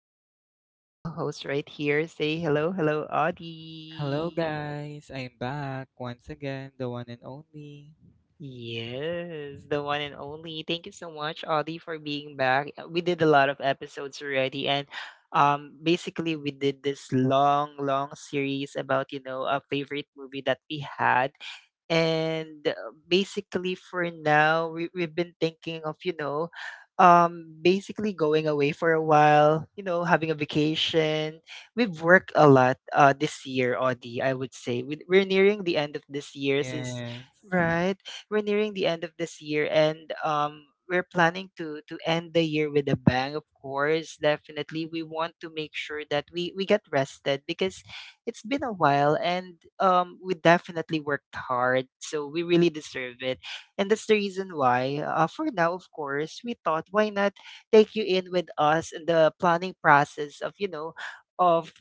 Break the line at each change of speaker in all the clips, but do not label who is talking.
have my beautiful co host right here. Say hello, hello,
Hello,
Audie.
guys. I'm back once again, the one and only.
Yes, the one and only. Thank you so much, Audie, for being back. We did a lot of episodes already, and basically we did this long series about a favorite movie that we had, and basically for now we've been thinking of you know, basically going away for a while, you know, having a vacation. We've worked a lot this year, Audie. I would say we're nearing the end of this year since.
Yes.
Right, we're nearing the end of this year, and we're planning to end the year with a bang. Of course, definitely, we want to make sure that we get rested because it's been a while, and we definitely worked hard, so we really deserve it. And that's the reason why, for now, of course, we thought why not take you in with us in the planning process of you know of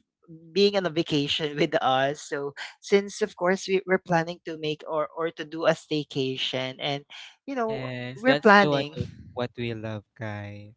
being on a vacation with us. So since of course we're planning to make or to do a staycation and you know
Yes,
we're
that's the one
planning.
what we love, guys.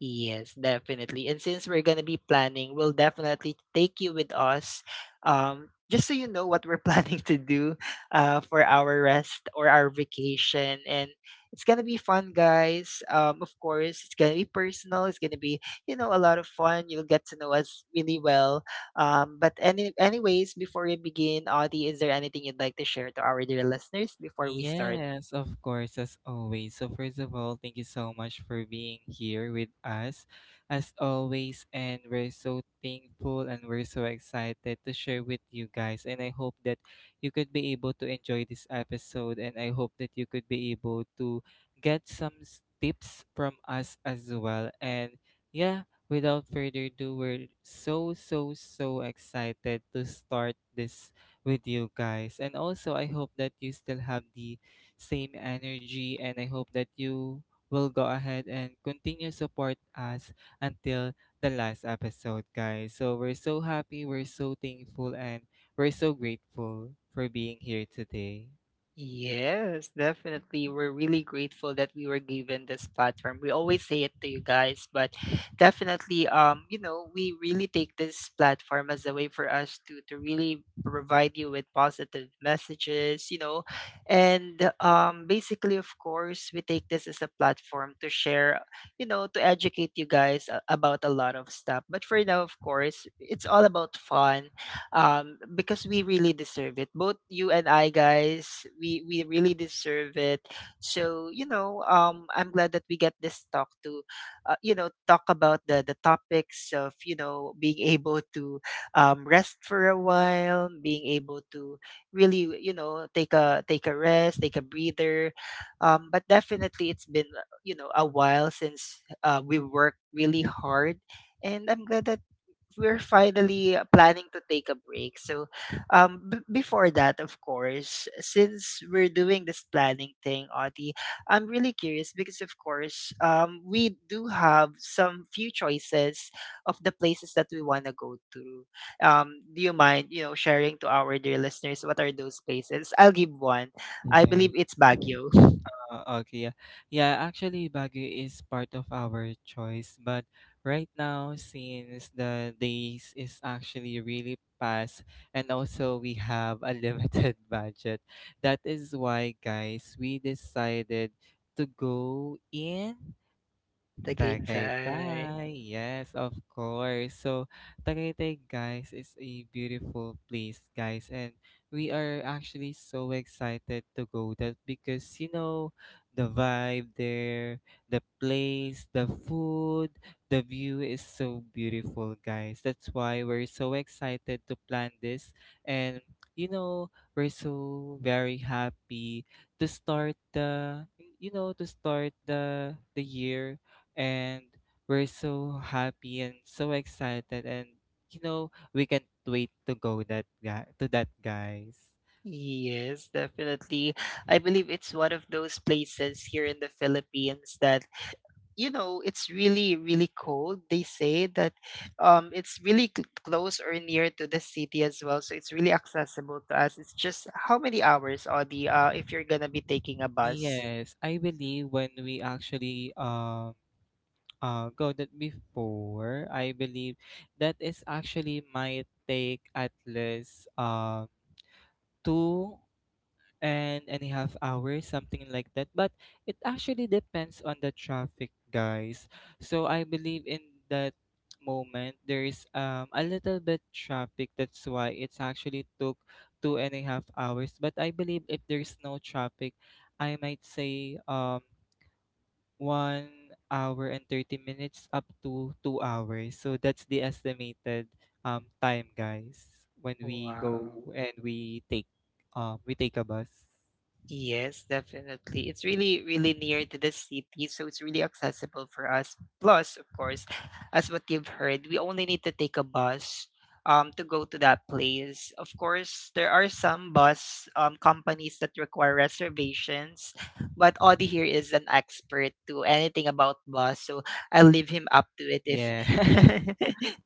Yes, definitely. And since we're gonna be planning, we'll definitely take you with us. Just so you know what we're planning to do, for our rest or our vacation. And it's gonna be fun, guys. Of course, it's gonna be personal. It's gonna be, you know, a lot of fun. You'll get to know us really well. But anyways, before we begin, Audie, is there anything you'd like to share to our dear listeners before we start?
Yes, of course, as always. So, first of all, thank you so much for being here with us, as always. And we're so thankful and we're so excited to share with you guys. And I hope that you could be able to enjoy this episode. And I hope that you could be able to get some tips from us as well. And yeah, without further ado, we're so, so, so excited to start this with you guys. And also, I hope that you still have the same energy and I hope that you will go ahead and continue support us until the last episode, guys. So we're so happy, we're so thankful, and we're so grateful for being here today.
Yes, definitely. We're really grateful that we were given this platform. We always say it to you guys, but definitely, you know, we really take this platform as a way for us to really provide you with positive messages, you know, and basically, of course, we take this as a platform to share, you know, to educate you guys about a lot of stuff. But for now, of course, it's all about fun, because we really deserve it. Both you and I, guys, we really deserve it. So you know, I'm glad that we get this talk to, you know, talk about the topics of you know being able to rest for a while, being able to really you know take a rest, take a breather. But definitely, it's been you know a while since we worked really hard, and I'm glad that we're finally planning to take a break. So, before that, of course, since we're doing this planning thing, Audie, I'm really curious because, of course, we do have some few choices of the places that we want to go to. Do you mind, you know, sharing to our dear listeners what are those places? I'll give one. I
Yeah.
believe it's Baguio,
Okay, yeah. Yeah, actually Baguio is part of our choice, but right now since the days is actually really fast and also we have a limited budget. That is why guys, we decided to go in
Tagaytay.
Tagaytay, yes, of course. So, Tagaytay, guys, is a beautiful place, guys, and we are actually so excited to go there because you know the vibe there, the place, the food, the view is so beautiful, guys. That's why we're so excited to plan this, and you know we're so very happy to start the you know to start the year and we're so happy and so excited and you know we can't wait to go that guy to that guys.
Yes, definitely. I believe it's one of those places here in the Philippines that, you know, it's really cold. They say that it's really close or near to the city as well. So it's really accessible to us. It's just how many hours, Audie, if you're going to be taking a bus?
Yes, I believe when we actually go that before, I believe that is actually might take at least two and a half hours, something like that. But it actually depends on the traffic, guys. So I believe in that moment there's a little bit traffic. That's why it's actually took two and a half hours. But I believe if there's no traffic, I might say 1 hour and 30 minutes up to 2 hours. So that's the estimated time, guys, when we go
Wow.
and we take a bus.
Yes, definitely. It's really near to the city, so it's really accessible for us. Plus, of course, as what you've heard, we only need to take a bus to go to that place. Of course, there are some bus companies that require reservations, but Audie here is an expert to anything about bus, so I'll leave him up to it if
Yeah.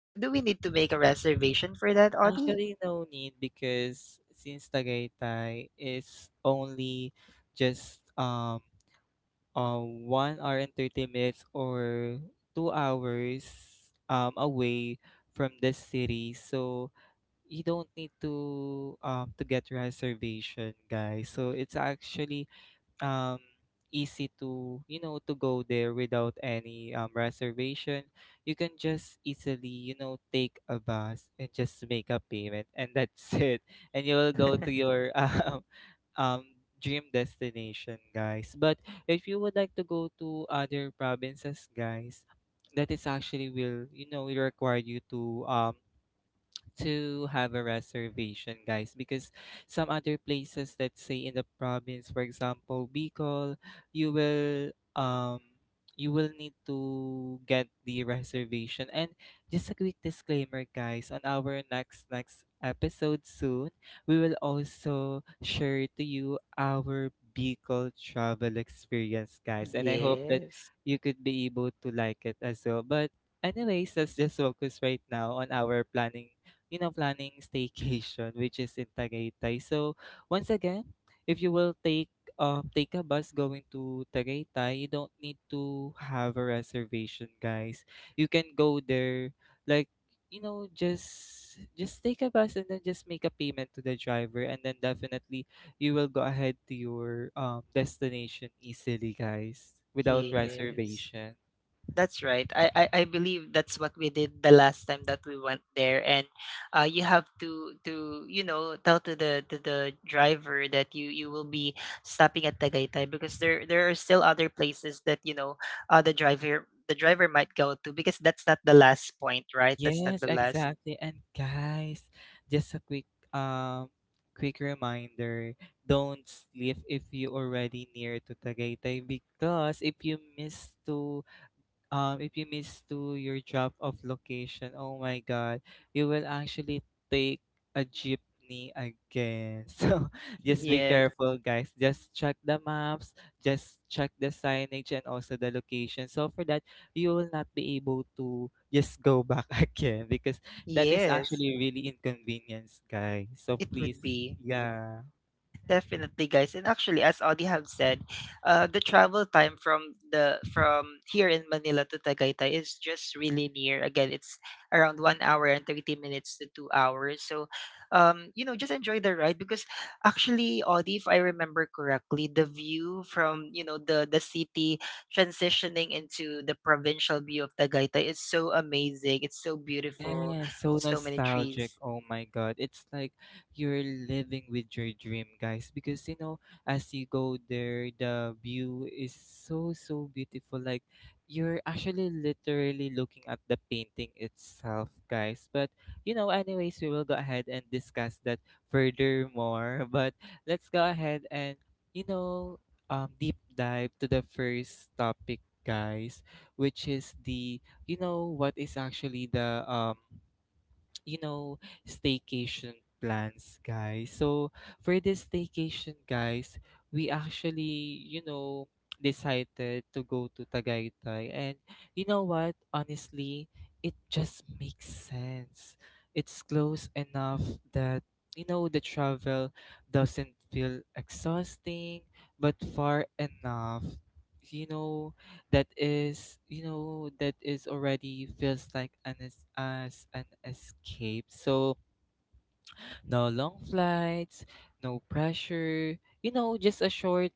do we need to make a reservation for that, Audie?
Actually, no need because since Tagaytay is only just 1 hour and 30 minutes or 2 hours away from the city. So you don't need to get reservation, guys. So it's actually um easy to you know to go there without any reservation. You can just easily you know take a bus and just make a payment, and that's it, and you will go to your um dream destination, guys. But if you would like to go to other provinces, guys, that is actually will you know will require you to have a reservation, guys, because some other places, let's say in the province, for example, Bicol, you will um you will need to get the reservation. And just a quick disclaimer, guys, on our next episode soon, we will also share to you our Bicol travel experience, guys. And I hope that
Yes.
you could be able to like it as well. But anyways, let's just focus right now on our planning, you know, planning staycation, which is in Tagaytay. So once again, if you will take take a bus going to Tagaytay, you don't need to have a reservation, guys. You can go there like you know just take a bus and then just make a payment to the driver, and then definitely you will go ahead to your destination easily, guys, without
Yes.
reservation.
That's right. I believe that's what we did the last time that we went there, and you have to you know tell to the driver that you will be stopping at Tagaytay because there are still other places that you know the driver might go to because that's not the last point, right? That's not
Yes,
the last.
exactly. And guys, just a quick um quick reminder, don't sleep if you already near to Tagaytay, because if you miss to your drop off location, oh my god, you will actually take a jeepney again. So just be
Yes.
careful, guys. Just check the maps, just check the signage and also the location. So for that, you will not be able to just go back again because that is
Yes,
actually really inconvenience, guys. So
it
please,
would be.
yeah.
Definitely, guys. And actually, as Audie have said, the travel time from the from here in Manila to Tagaytay is just really near. Again, it's around 1 hour and 30 minutes to 2 hours. So, you know, just enjoy the ride because actually, Audie, if I remember correctly, the view from you know the city transitioning into the provincial view of Tagaytay is so amazing. It's so beautiful.
Yeah, so
So many
nostalgic.
trees.
Oh my God. It's like you're living with your dream, guys, because you know, as you go there, the view is so, so beautiful. Like you're actually literally looking at the painting itself, guys. But you know, anyways, we will go ahead and discuss that furthermore. But let's go ahead and, you know, deep dive to the first topic, guys, which is the you know what is actually the you know staycation plans, guys. So for this staycation, guys, we actually you know decided to go to Tagaytay, and you know what, honestly it just makes sense. It's close enough that you know the travel doesn't feel exhausting, but far enough, you know, that is already feels like as an escape. So no long flights, no pressure, you know, just a short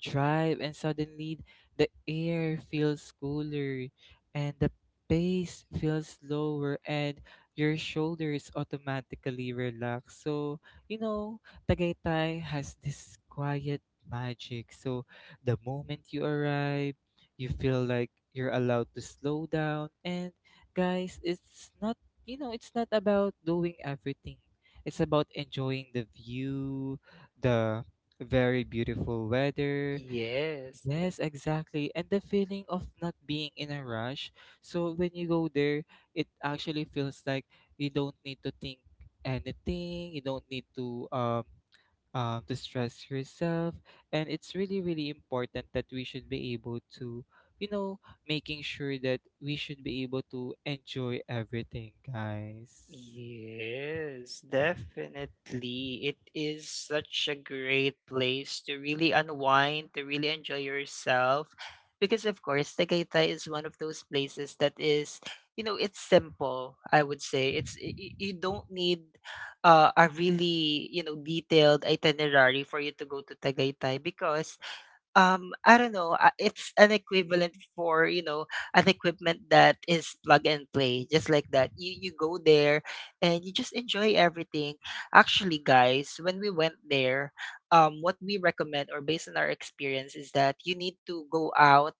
drive, and suddenly the air feels cooler and the pace feels slower, and your shoulders automatically relax. So, you know, Tagaytay has this quiet magic. So, the moment you arrive, you feel like you're allowed to slow down, and guys, it's not, you know, it's not about doing everything, it's about enjoying the view, the very beautiful weather.
Yes.
Yes, exactly. And the feeling of not being in a rush. So when you go there, it actually feels like you don't need to think anything. You don't need to stress yourself. And it's really, really important that we should be able to, you know, making sure that we should be able to enjoy everything, guys.
Yes, definitely. It is such a great place to really unwind, to really enjoy yourself. Because, of course, Tagaytay is one of those places that is, you know, it's simple, I would say. You don't need a really, you know, detailed itinerary for you to go to Tagaytay because I don't know, it's an equivalent for you know an equipment that is plug and play, just like that. You go there and you just enjoy everything. Actually, guys, when we went there, what we recommend or based on our experience is that you need to go out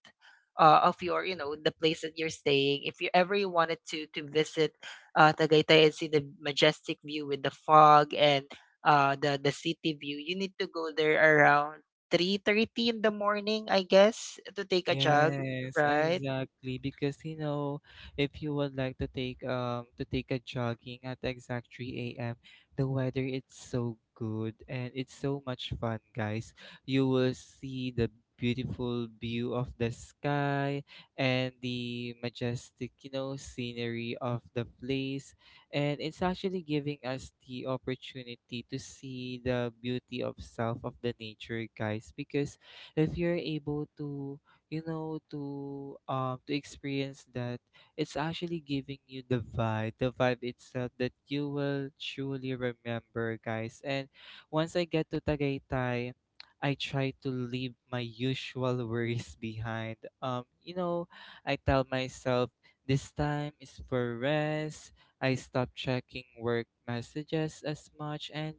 of your you know the place that you're staying if you ever you wanted to visit Tagaytay and see the majestic view with the fog and the city view. You need to go there around 3:30 in the morning, I guess, to take a jog,
Yes,
right?
exactly. Because you know, if you would like to take a jogging at exact 3 a.m., the weather it's so good and it's so much fun, guys. You will see the beautiful view of the sky and the majestic, you know, scenery of the place. And it's actually giving us the opportunity to see the beauty of self of the nature, guys, because if you're able to you know to experience that, it's actually giving you the vibe itself that you will truly remember, guys. And once I get to Tagaytay, I try to leave my usual worries behind, you know, I tell myself this time is for rest. I stop checking work messages as much, and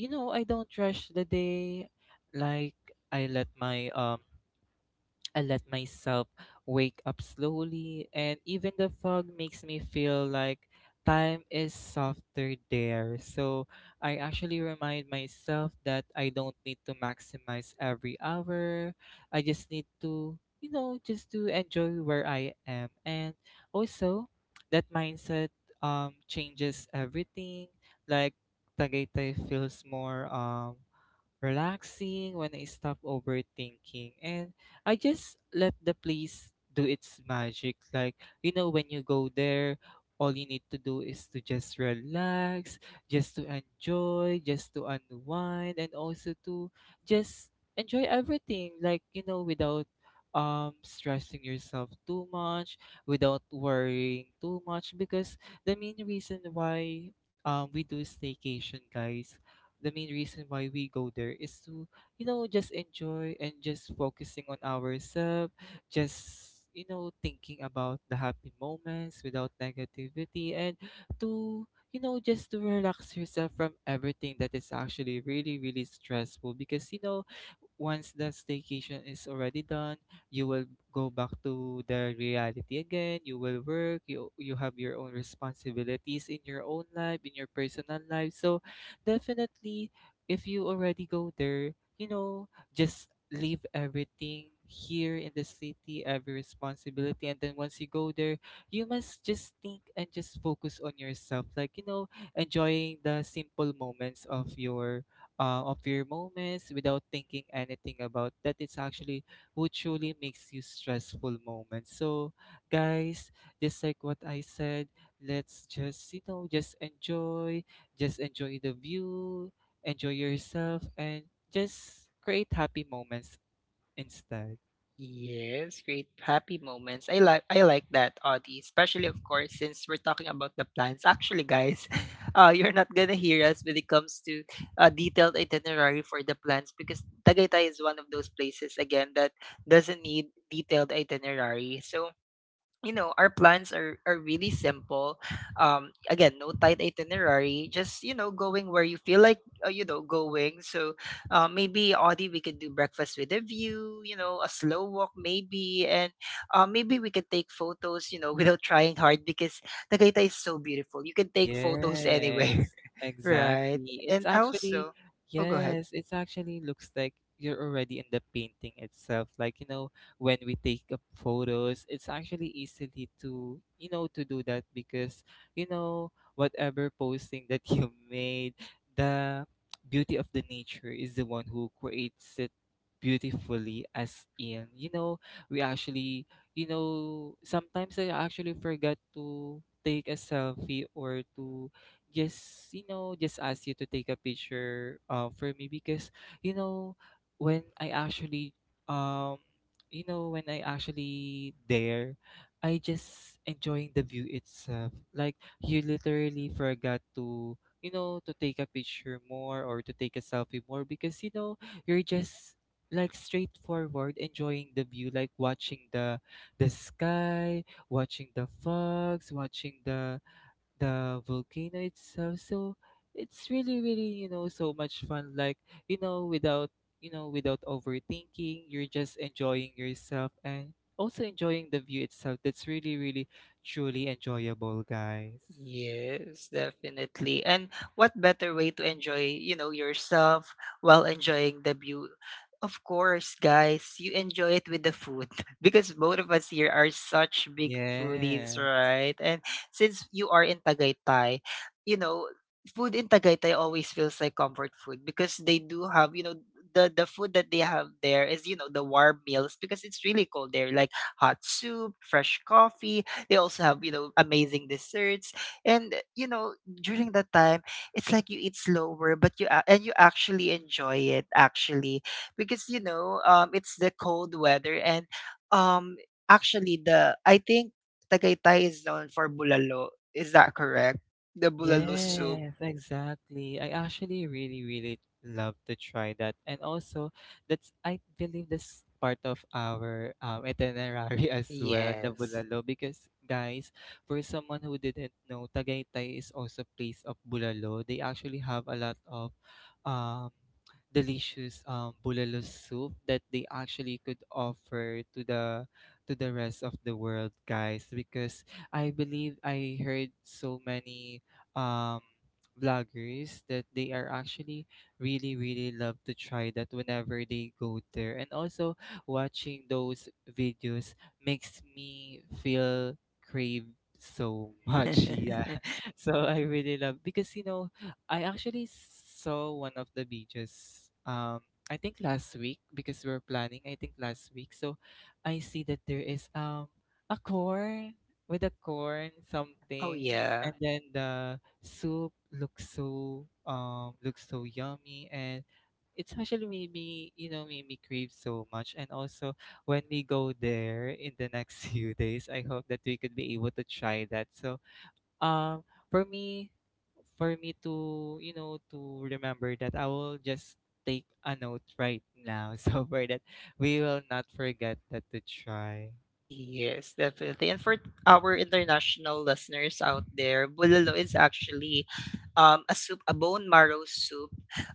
you know I don't rush the day, like I let my I let myself wake up slowly, and even the fog makes me feel like time is softer there. So I actually remind myself that I don't need to maximize every hour. I just need to, you know, just to enjoy where I am. And also, that mindset changes everything. Like, Tagaytay feels more. Relaxing when I stop overthinking and I just let the place do its magic. Like, you know, when you go there, all you need to do is to just relax, just to enjoy, just to unwind, and also to just enjoy everything. Like, you know, without stressing yourself too much, without worrying too much, because the main reason why we do staycation, guys, the main reason why we go there is to you know just enjoy and just focusing on ourselves, just you know thinking about the happy moments without negativity, and to you know just to relax yourself from everything that is actually really really stressful, because you know once the staycation is already done, you will go back to the reality again. You will work, you have your own responsibilities in your own life, in your personal life. So definitely, if you already go there, you know, just leave everything here in the city, every responsibility, and then once you go there, you must just think and just focus on yourself. Like, you know, enjoying the simple moments of your moments without thinking anything about that, it's actually what truly makes you stressful moments. So guys, just like what I said, let's just you know just enjoy, just enjoy the view, enjoy yourself, and just create happy moments instead.
Yes, great happy moments. I like that, Audie. Especially of course since we're talking about the plans. Actually, guys, you're not gonna hear us when it comes to a detailed itinerary for the plans because Tagaytay is one of those places again that doesn't need detailed itinerary. So you know, our plans are really simple. Again, no tight itinerary, just you know, going where you feel like, you know, going. So, maybe Audie, we could do breakfast with a view, you know, a slow walk maybe, and maybe we could take photos, you know, without trying hard because Tagaytay is so beautiful. You can take photos anywhere,
Yes,
right?
exactly. It's
And
actually,
also, oh, go ahead.
yes, it's actually looks like you're already in the painting itself. Like, you know, when we take up photos, it's actually easily to, you know, to do that because, you know, whatever posting that you made, the beauty of the nature is the one who creates it beautifully, as in, you know, we actually you know, sometimes I actually forgot to take a selfie or to just, you know, just ask you to take a picture for me because, you know, when I actually, um, you know, when I actually there, I just enjoying the view itself. Like you literally forgot to, you know, to take a picture more or to take a selfie more because, you know, you're just like straightforward enjoying the view like watching the sky, watching the fogs, watching the volcano itself. So it's really, really, you know, so much fun. Like, you know, without you know, without overthinking, you're just enjoying yourself and also enjoying the view itself. That's really, really, truly enjoyable, guys.
Yes, definitely. And what better way to enjoy, you know, yourself while enjoying the view? Of course, guys, you enjoy it with the food because both of us here are such big foodies,
Yeah.
right? And since you are in Tagaytay, you know, food in Tagaytay always feels like comfort food because they do have, you know, the food that they have there is, you know, the warm meals because it's really cold there, like hot soup, fresh coffee. They also have, you know, amazing desserts. And you know, during that time, it's like you eat slower, but and you actually enjoy it actually because you know, it's the cold weather, and um, actually, the I think Tagaytay is known for bulalo. Is that correct? The bulalo soup.
Yes, exactly. I actually really, really love to try that. And also, that's I believe that's part of our itinerary as well, the
Yes.
Bulalo. Because guys, for someone who didn't know, Tagaytay is also place of Bulalo. They actually have a lot of um, delicious Bulalo soup that they actually could offer to the rest of the world, guys. Because I believe I heard so many um vloggers that they are actually really really love to try that whenever they go there and also watching those videos makes me feel crave so much yeah so I really love because you know I actually saw one of the beaches. I think last week because we are planning. I think last week, so I see that there is a corn with a corn
Oh
something,
yeah.
and then the soup looks so yummy and. It's actually made me, you know, made me crave so much. And also, when we go there in the next few days, I hope that we could be able to try that. So, um, for me, for me to you know to remember that I will just take a note right now. So for that we will not forget that to try.
Yes, definitely. And for our international listeners out there, bulalo is actually a soup, a bone marrow soup,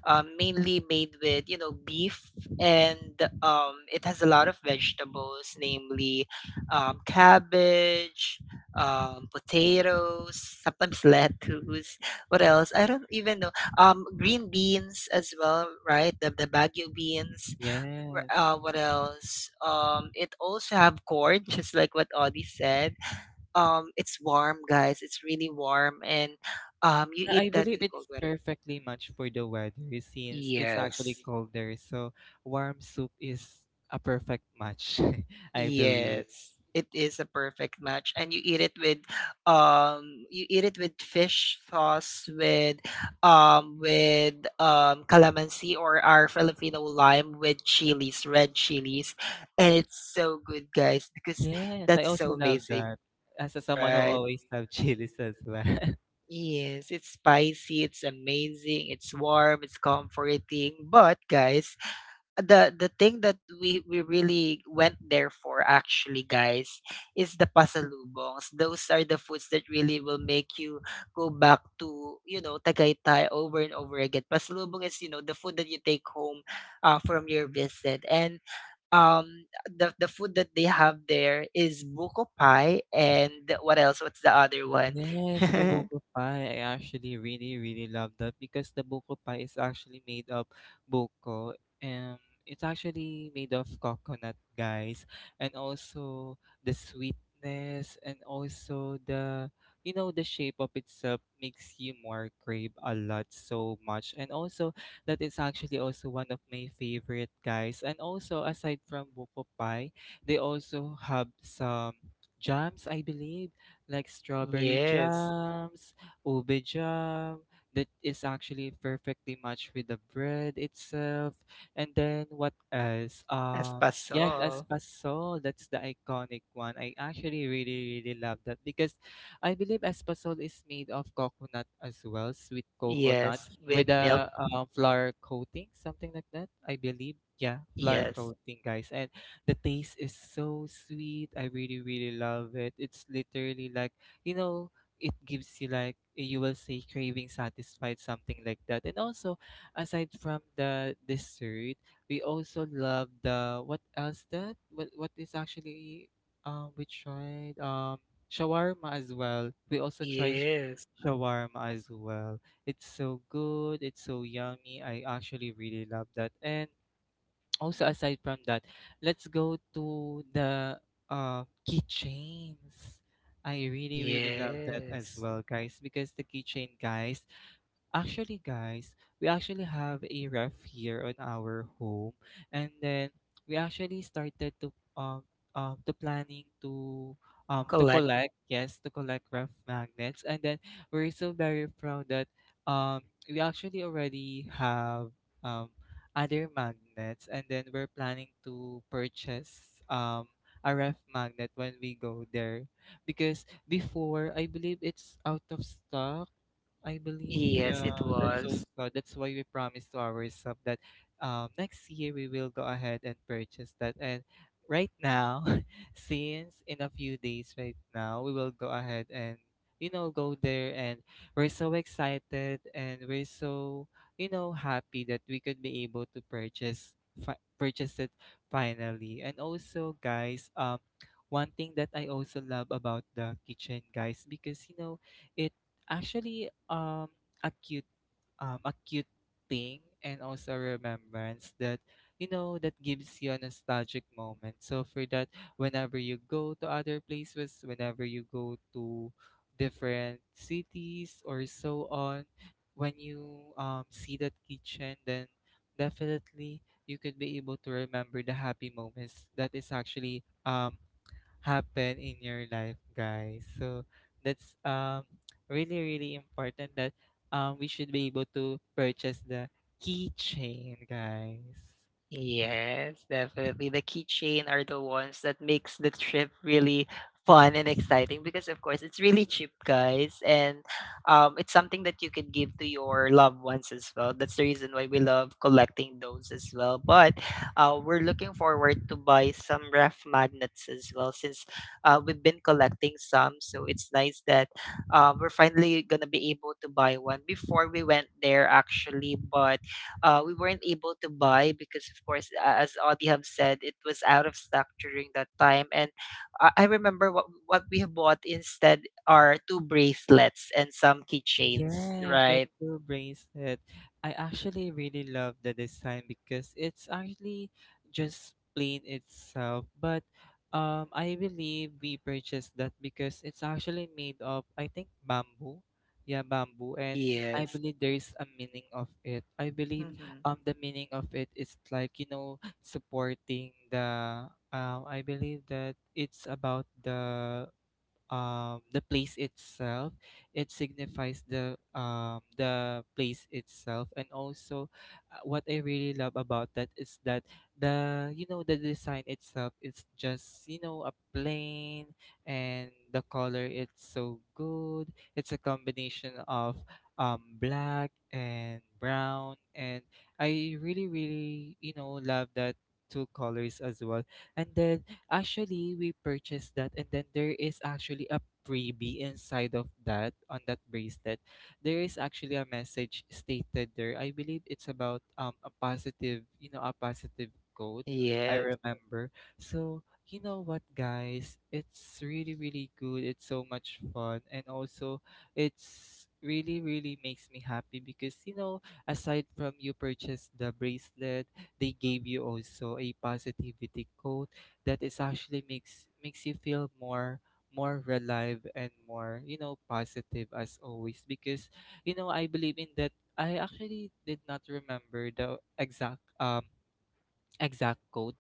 mainly made with you know beef, and it has a lot of vegetables, namely cabbage, potatoes, sometimes lettuce. What else? I don't even know. Green beans as well, right? The baguio beans,
Yes.
what else? It also have corn, just like what Audie said. It's warm, guys. It's really warm, and you
Yeah,
eat
I
that in
believe
the cold
it's
weather.
perfectly matched for the weather since it's actually
Yes,
colder. So warm soup is a perfect match, I believe.
yes, it is a perfect match, and you eat it with, um, you eat it with fish sauce with, um, with calamansi or our Filipino lime with chilies, red chilies, and it's so good, guys, because
Yes, I
that's
also
so
love
amazing.
that. As a someone who
Right.
always have chilies as well.
Yes, it's spicy, it's amazing, it's warm, it's comforting. But guys, the thing that we really went there for actually, guys, is the pasalubongs. Those are the foods that really will make you go back to, you know, Tagaytay over and over again. Pasalubong is, you know, the food that you take home from your visit. And the food that they have there is buko pie and what else? What's the other one?
Yes, the buko pie. I actually really, really love that because the buko pie is actually made of buko and it's actually made of coconut, guys. And also the sweetness and also the you know the shape of itself makes you more crave a lot so much. And also that is actually also one of my favorite guys. And also aside from buko pie, they also have some jams, I believe like strawberry
Yes,
jams, ube jam, that is actually perfectly matched with the bread itself. And then what else? Yes,
espasol.
espasol, that's the iconic one. I actually really, really love that because I believe espasol is made of coconut as well, sweet coconut
Yes, with
with
milk.
a flour coating, something like that. I believe, yeah, flour
Yes.
coating, guys. And the taste is so sweet. I really, really love it. It's literally like, you know, it gives you like you will say craving satisfied, something like that. And also, aside from the dessert, we also love the what else that what is actually we tried shawarma as well. We also try
Yes.
shawarma as well. It's so good. It's so yummy. I actually really love that. And also, aside from that, let's go to the uh, keychains. I really, really love that as
Yes.
well, guys, because the keychain, guys, actually, guys, we actually have a ref here on our home, and then we actually started to planning to
Collect.
collect yes to collect ref magnets, and then we're so very proud that we actually already have um other magnets, and then we're planning to purchase a ref magnet when we go there because before I believe it's out of stock I believe,
Yes,
yeah,
it
that's so
was.
sad. That's why we promised to ourselves that next year we will go ahead and purchase that. And right now, since in a few days right now, we will go ahead and, you know, go there. And we're so excited and we're so, you know, happy that we could be able to purchase purchase it finally. And also, guys, one thing that I also love about the kitchen, guys, because, you know, it actually, a cute, a cute thing, and also a remembrance that you know that gives you a nostalgic moment. So for that, whenever you go to other places, whenever you go to different cities or so on, when you see that kitchen, then definitely you could be able to remember the happy moments that is actually happen in your life, guys. So that's really really important that we should be able to purchase the keychain, guys.
Yes, definitely. The keychain are the ones that makes the trip really fun and exciting because of course it's really cheap, guys, and it's something that you could give to your loved ones as well. That's the reason why we love collecting those as well. But we're looking forward to buy some ref magnets as well since we've been collecting some. So it's nice that we're finally gonna be able to buy one. Before we went there actually, but we weren't able to buy because, of course, as Audie have said, it was out of stock during that time. And I remember what we have bought instead are two bracelets and some keychains,
Yes, that
right?
blue bracelet. I actually really love the design because it's actually just plain itself. But I believe we purchased that because it's actually made of, I think, bamboo. Yeah, bamboo. And I
Yes.
believe there is a meaning of it. I believe
Mm-hmm.
the meaning of it is like, you know, supporting the I believe that it's about the place itself. It signifies the place itself, and also what I really love about that is that the you know the design itself is just you know a plain and the color it's so good. It's a combination of black and brown, and I really really you know love that two colors as well. And then actually, we purchased that, and then there is actually a freebie inside of that on that bracelet. There is actually a message stated there. I believe it's about a positive, you know, a positive code. I
Yes.
remember. So you know what, guys? It's really, really good. It's so much fun, and also it's really, really makes me happy because you know, aside from you purchase the bracelet, they gave you also a positivity code that is actually makes you feel more alive and more you know positive as always because you know I believe in that I actually did not remember the exact exact quote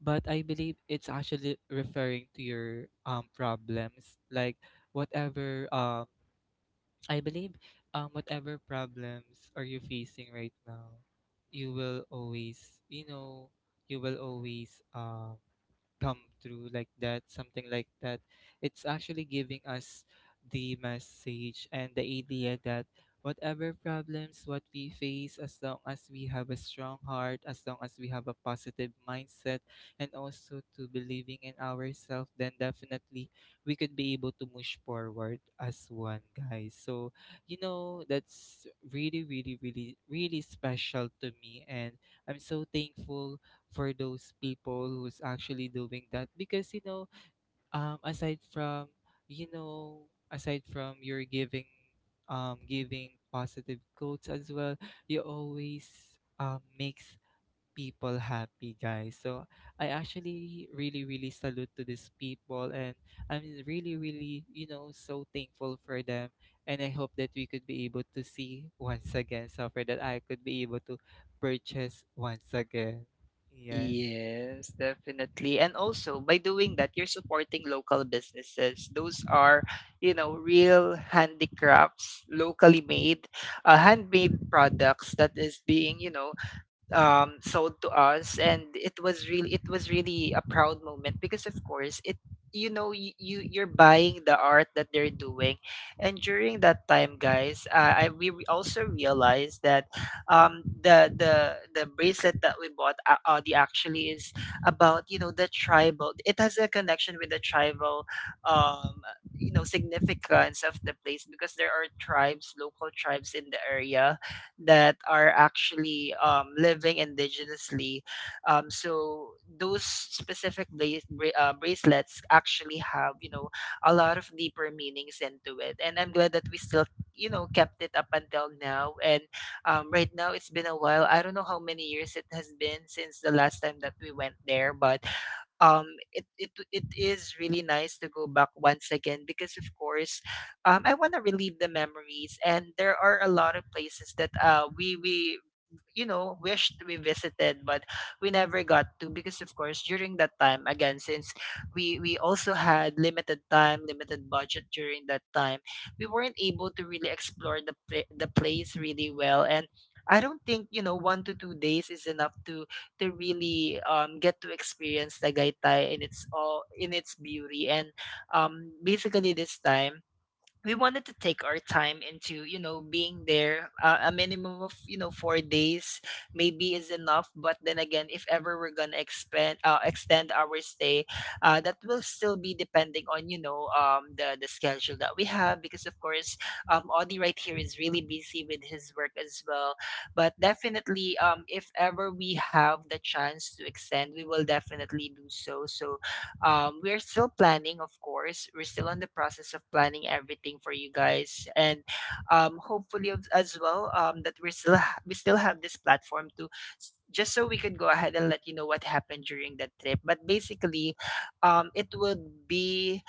but I believe it's actually referring to your problems like whatever I believe whatever problems are you facing right now, you will always you know you will always come through like that something like that it's actually giving us the message and the idea that whatever problems what we face as long as we have a strong heart as long as we have a positive mindset and also to believing in ourselves then definitely we could be able to push forward as one, guys. So, you know, that's really, really, really, really special to me. And I'm so thankful for those people who's actually doing that because, you know, um, aside from, you know, aside from your giving, giving positive quotes as well, you always makes people happy, guys. So I actually really, really salute to these people, and I'm really, really, you know, so thankful for them. And I hope that we could be able to see once again, so for that I could be able to purchase once again. Yes.
Yes, definitely. And also, by doing that, you're supporting local businesses. Those are, you know, real handicrafts, locally made, handmade products that is being, you know, sold to us, and it was really, it was really a proud moment because of course, it, you know, you, you're buying the art that they're doing. And during that time, guys, also realized that the bracelet that we bought, the actually is about, you know, the tribal, it has a connection with the tribal, um you know, significance of the place, because there are tribes, local tribes in the area that are actually living indigenously. So those specific bracelets actually have, you know, a lot of deeper meanings into it, and I'm glad that we still, you know, kept it up until now. And right now, it's been a while. I don't know how many years it has been since the last time that we went there, but um it is really nice to go back once again, because of course, I want to relive the memories, and there are a lot of places that we you know, wished we visited, but we never got to because of course, during that time again, since we also had limited time, limited budget during that time, we weren't able to really explore the the place really well. And I don't think, you know, 1 to 2 days is enough to really get to experience Tagaytay in its all, in its beauty. And basically this time, we wanted to take our time into, you know, being there, a minimum of, you know, 4 days maybe is enough. But then again, if ever we're gonna expand extend our stay, that will still be depending on, you know, the schedule that we have, because of course, Audie right here is really busy with his work as well. But definitely, if ever we have the chance to extend, we will definitely do so. So we're still planning, of course. We're still on the process of planning everything for you guys, and hopefully as well, that we're still we still have this platform to just so we could go ahead and let you know what happened during that trip. But basically, it would be,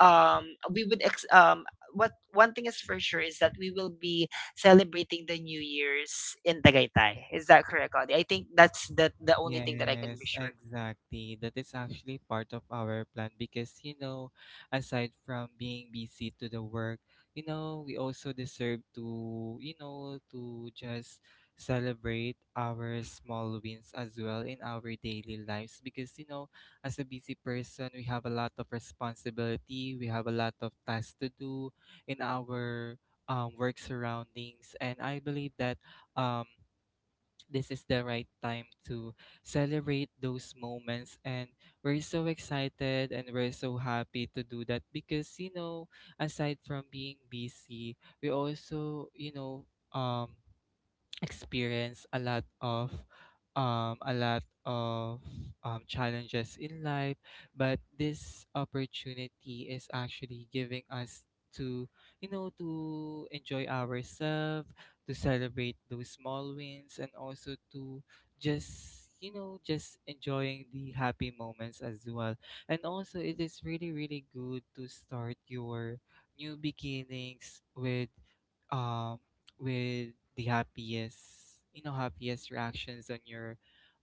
um, we would ex- um, what one thing is for sure is that we will be celebrating the New Year's in Tagaytay. Is that correct, Audie? I think that's the only thing that I can be
Yes,
sure.
exactly. That is actually part of our plan because, you know, aside from being busy to the work, you know, we also deserve to, you know, to just celebrate our small wins as well in our daily lives because, you know, as a busy person, we have a lot of responsibility, we have a lot of tasks to do in our work surroundings. And I believe that. Um, this is the right time to celebrate those moments and we're so excited and we're so happy to do that because you know aside from being busy we also you know um experience a lot of challenges in life but this opportunity is actually giving us to you know to enjoy ourselves to celebrate those small wins and also to just you know just enjoying the happy moments as well and also it is really really good to start your new beginnings um with the happiest you know happiest reactions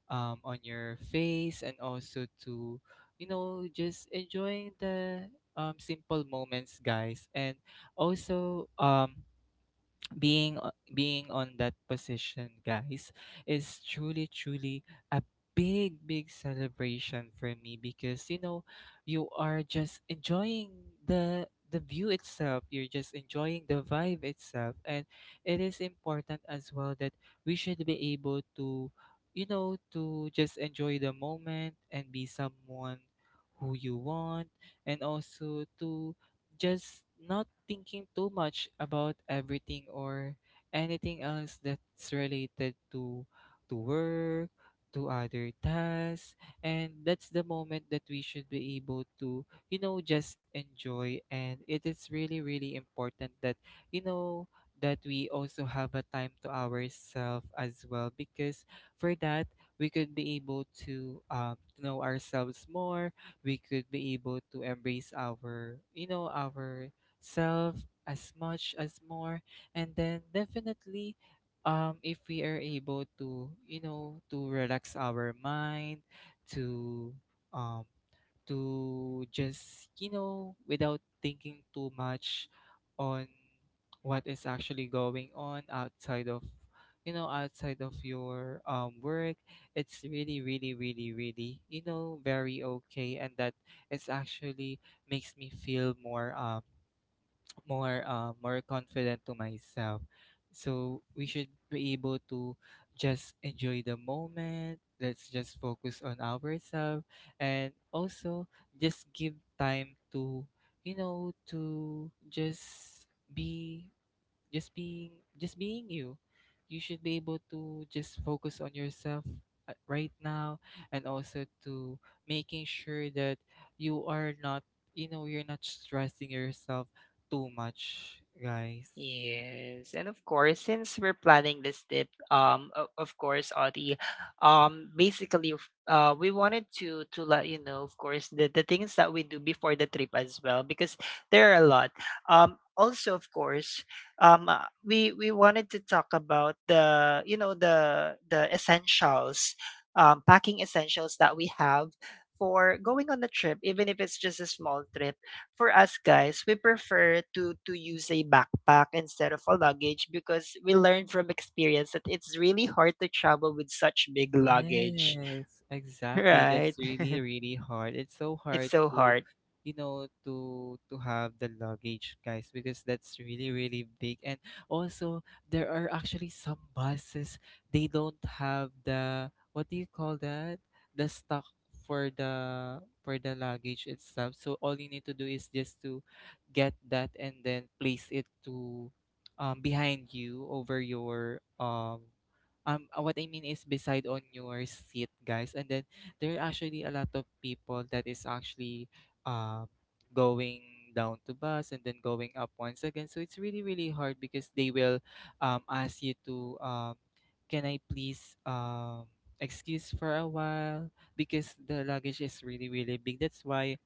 on your face and also to you know just enjoying the simple moments guys and also being on that position guys is truly truly a big big celebration for me because you know you are just enjoying the view itself you're just enjoying the vibe itself and it is important as well that we should be able to you know to just enjoy the moment and be someone who you want and also to just not thinking too much about everything or anything else that's related to work to other tasks and that's the moment that we should be able to you know just enjoy and it is really really important that you know that we also have a time to ourselves as well because for that we could be able to know ourselves more we could be able to embrace our you know our self as much as more and then definitely if we are able to you know To relax our mind, to um to just without thinking too much on what is actually going on outside of, outside of your work. It's really really really really, you know, very okay. And that, it's actually makes me feel more more more confident to myself. So we should be able to just enjoy the moment. Let's just focus on ourselves and also just give time to, you know, to just be, just being just being you. You should be able to just focus on yourself right now and also to making sure that you are not, you know, you're not stressing yourself too much, guys.
Yes, and of course, since we're planning this trip, of course, Audie, basically, we wanted to let you know, of course, the things that we do before the trip as well, because there are a lot. Also, of course, we wanted to talk about the, you know, the essentials, packing essentials that we have for going on the trip. Even if it's just a small trip, for us, guys, we prefer to use a backpack instead of a luggage, because we learned from experience that it's really hard to travel with such big luggage.
Yes, exactly.
Right?
That's really, really hard. It's so
It's
hard
so
to,
hard.
you know, to have the luggage, guys, because that's really, really big. And also, there are actually some buses, they don't have the, what do you call that? The stock for the luggage itself. So all you need to do is just to get that and then place it to behind you over your what I mean is beside on your seat, guys. And then there are actually a lot of people that is actually uh, going down to bus and then going up once again. So it's really really hard because they will ask you to, can I please, excuse for a while, because the luggage is really really big. That's why,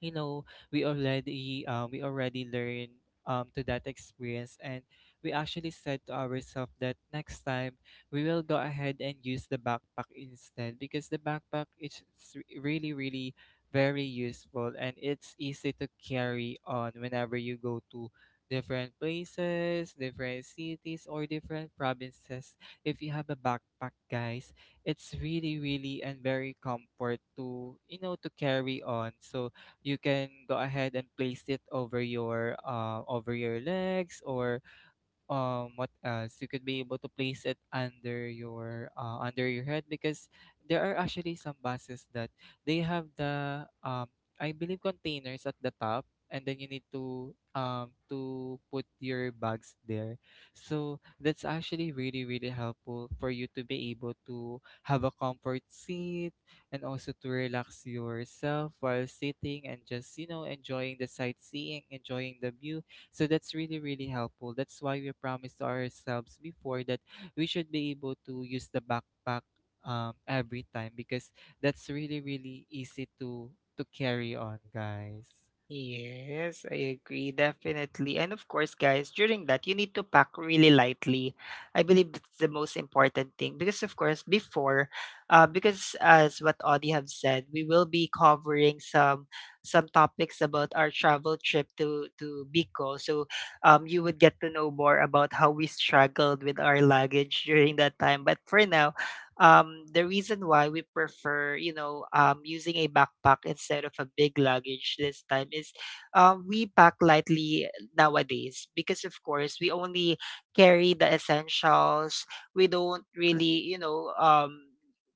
you know, we already learned to that experience. And we actually said to ourselves that next time we will go ahead and use the backpack instead, because the backpack is really really very useful, and it's easy to carry on whenever you go to different places, different cities, or different provinces. If you have a backpack, guys, it's really really and very comfort to, you know, to carry on. So you can go ahead and place it over your legs, or what else, you could be able to place it under your head, because there are actually some buses that they have the I believe containers at the top, and then you need to put your bags there. So that's actually really really helpful for you to be able to have a comfort seat and also to relax yourself while sitting and just, you know, enjoying the sightseeing, enjoying the view. So that's really, really helpful. That's why we promised to ourselves before that we should be able to use the backpack every time, because that's really, really easy to carry on, guys.
Yes, I agree, definitely. And of course, guys, during that, you need to pack really lightly. I believe that's the most important thing, because of course, before, because as what Audie have said, we will be covering some topics about our travel trip to Bicol. So, you would get to know more about how we struggled with our luggage during that time. But for now, the reason why we prefer, you know, using a backpack instead of a big luggage this time is, we pack lightly nowadays, because of course, we only carry the essentials. We don't really, you know,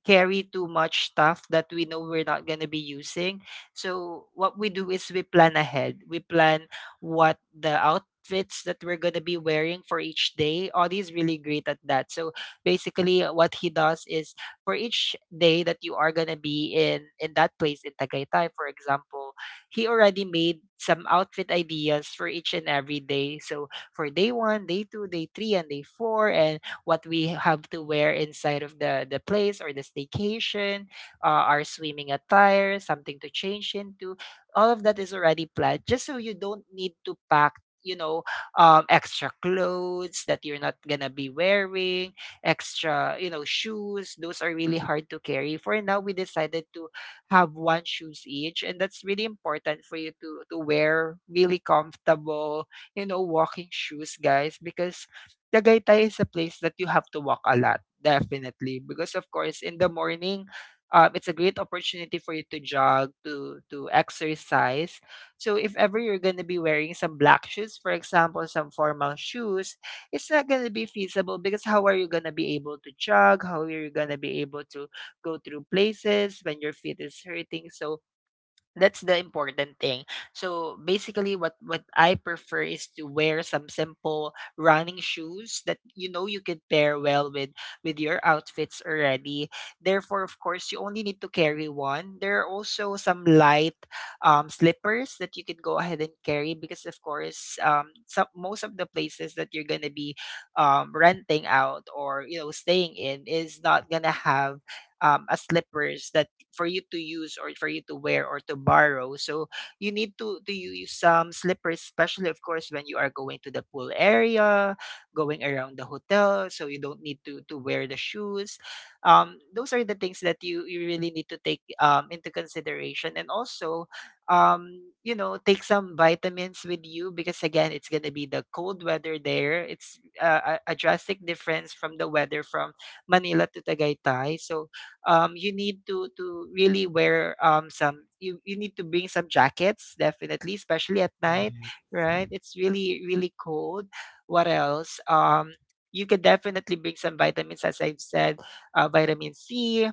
carry too much stuff that we know we're not going to be using. So what we do is we plan ahead. We plan what the outfits that we're going to be wearing for each day. Audie's really great at that. So basically, what he does is, for each day that you are gonna be in that place in Tagaytay, for example, he already made some outfit ideas for each and every day. So for day one, day two, day three, and day four, and what we have to wear inside of the place or the staycation, our swimming attire, something to change into. All of that is already planned, just so you don't need to pack, you know, extra clothes that you're not gonna be wearing, extra, you know, shoes. Those are really hard to carry. For now, we decided to have one shoes each, and that's really important for you to wear really comfortable, you know, walking shoes, guys, because Tagaytay is a place that you have to walk a lot, definitely, because of course in the morning. It's a great opportunity for you to jog, to exercise. So if ever you're going to be wearing some black shoes, for example, some formal shoes, it's not gonna be feasible, because how are you gonna be able to jog? How are you gonna be able to go through places when your feet is hurting? So that's the important thing. So basically, what I prefer is to wear some simple running shoes that, you know, you could pair well with your outfits already. Therefore, of course, you only need to carry one. There are also some light slippers that you can go ahead and carry, because of course, some, most of the places that you're going to be renting out or, you know, staying in is not going to have a slippers that for you to use or for you to wear or to borrow. So you need to use some slippers, especially of course when you are going to the pool area, going around the hotel. So you don't need to wear the shoes. Those are the things that you really need to take into consideration, and also you know, take some vitamins with you, because again, it's gonna be the cold weather there. It's a drastic difference from the weather from Manila to Tagaytay. So you need to really wear, some you, you need to bring some jackets definitely, especially at night,
Yeah.
right? It's really really cold. What else? You can definitely bring some vitamins, as I've said, vitamin C,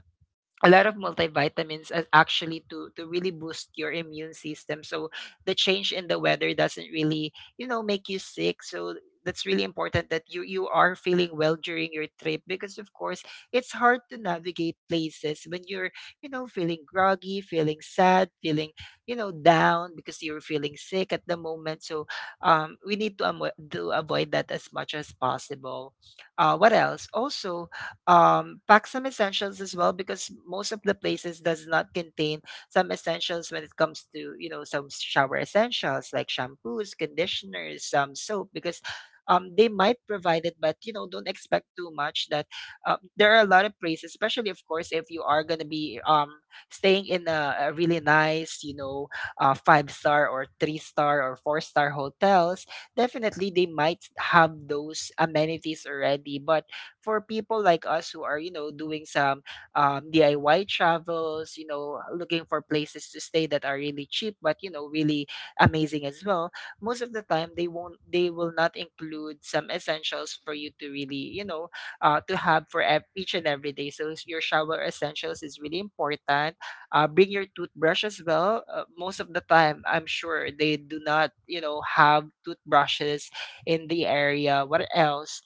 a lot of multivitamins, as actually to really boost your immune system, so the change in the weather doesn't really, you know, make you sick. So that's really important that you are feeling well during your trip, because of course it's hard to navigate places when you're, you know, feeling groggy, feeling sad, feeling, you know, down because you're feeling sick at the moment. So we need to, to avoid that as much as possible. What else? Also, pack some essentials as well, because most of the places does not contain some essentials when it comes to, you know, some shower essentials like shampoos, conditioners, some soap. Because they might provide it, but you know, don't expect too much. That there are a lot of places, especially of course if you are going to be staying in a really nice, you know, five star or three star or four-star hotels, definitely they might have those amenities already. But for people like us who are, you know, doing some DIY travels, you know, looking for places to stay that are really cheap but, you know, really amazing as well, most of the time they won't, they will not include some essentials for you to really, you know, to have for each and every day. So your shower essentials is really important. Bring your toothbrush as well. Most of the time, I'm sure they do not, you know, have toothbrushes in the area. What else?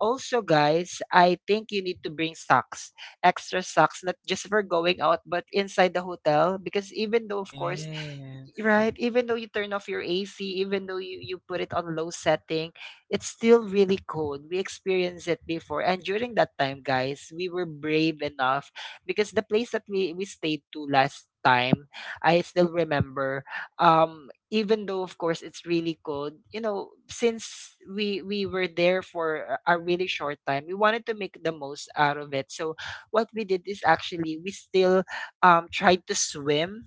Also, guys, I think you need to bring socks, extra socks, not just for going out, but inside the hotel. Because even though, of course,
Yes.
right? Even though you turn off your AC, even though you put it on low setting, it's still really cold. We experienced it before. And during that time, guys, we were brave enough because the place that we stayed to last time, I still remember. Even though of course it's really cold, you know, since we were there for a really short time, we wanted to make the most out of it. So what we did is actually we still tried to swim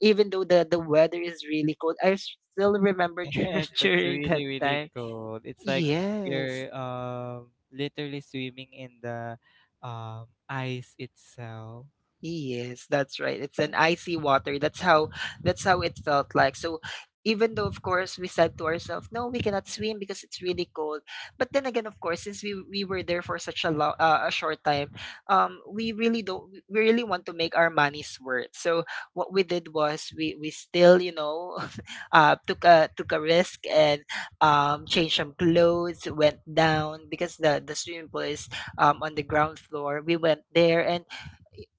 even though the weather is really cold. Still
Yes,
remember
that's
during that
really, really
time.
cool. It's like
Yes.
you're literally swimming in the ice itself.
Yes, that's right. It's an icy water. That's how it felt like. So even though of course we said to ourselves, no, we cannot swim because it's really cold. But then again, of course, since we were there for such a long a short time, we really don't we really want to make our money's worth. So what we did was we still, you know, took a took a risk and changed some clothes, went down because the swimming pool is on the ground floor. We went there and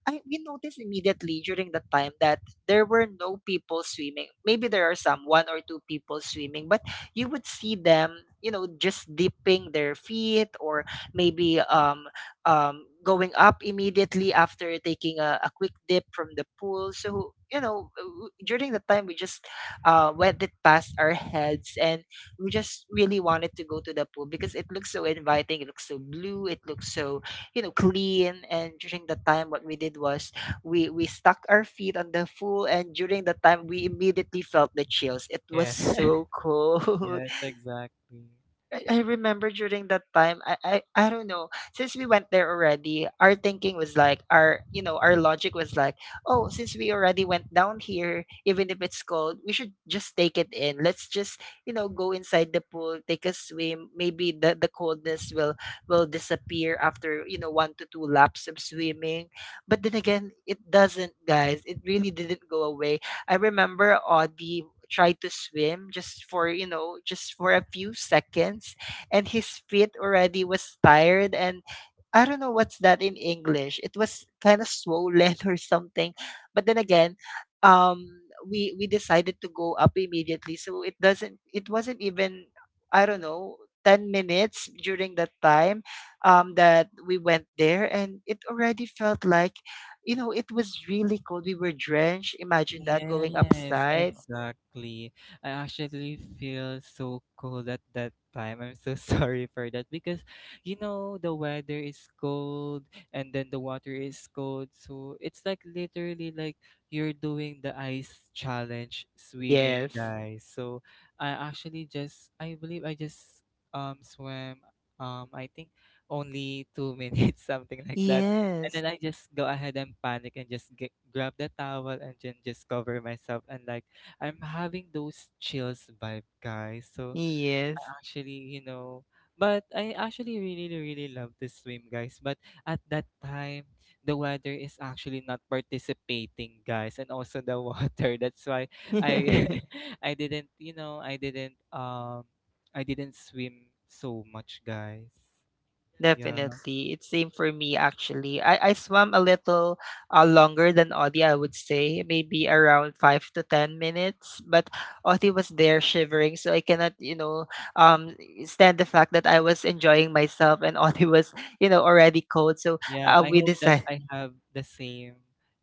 I we noticed immediately during the time that there were no people swimming. Maybe there are some one or two people swimming, but you would see them, you know, just dipping their feet or maybe going up immediately after taking a quick dip from the pool. So, you know, during the time we just went it past our heads, and we just really wanted to go to the pool because it looks so inviting. It looks so blue. It looks so, you know, clean. And during the time what we did was we stuck our feet on the pool, and during the time we immediately felt the chills. It was
Yeah.
so cold.
Yes, exactly.
I remember during that time, I don't know. Since we went there already, our thinking was like our, you know, our logic was like, oh, since we already went down here, even if it's cold, we should just take it in. Let's just, you know, go inside the pool, take a swim. Maybe the coldness will disappear after, you know, one to two laps of swimming. But then again, it doesn't, guys. It really didn't go away. I remember Audie try to swim just for, you know, just for a few seconds, and his feet already was tired and I don't know what's that in English. It was kind of swollen or something. But then again, um we decided to go up immediately, so it doesn't, it wasn't even, I don't know, 10 minutes during that time that we went there, and it already felt like, you know, it was really cold. We were drenched, imagine that, going
Yes,
upside.
exactly. I actually feel so cold at that time. I'm so sorry for that because, you know, the weather is cold and then the water is cold. So it's like literally like you're doing the ice challenge swimming,
Yes.
guys. So I believe I just swam I think only 2 minutes, something like that. And
Yes.
then I just go ahead and panic and just grab the towel and then just cover myself. And like, I'm having those chills vibe, guys. So I
Yes.
actually, you know, but I actually really, really love to swim, guys. But at that time, the weather is actually not participating, guys. And also the water. That's why I, I didn't, you know, I didn't swim so much, guys. Yeah.
Definitely. It's same for me actually. I swam a little longer than Audie, I would say, maybe around 5 to 10 minutes. But Audie was there shivering, so I cannot, you know, um stand the fact that I was enjoying myself and Audie was, you know, already cold. So
Yeah, I
we
hope that
decided,
I have the same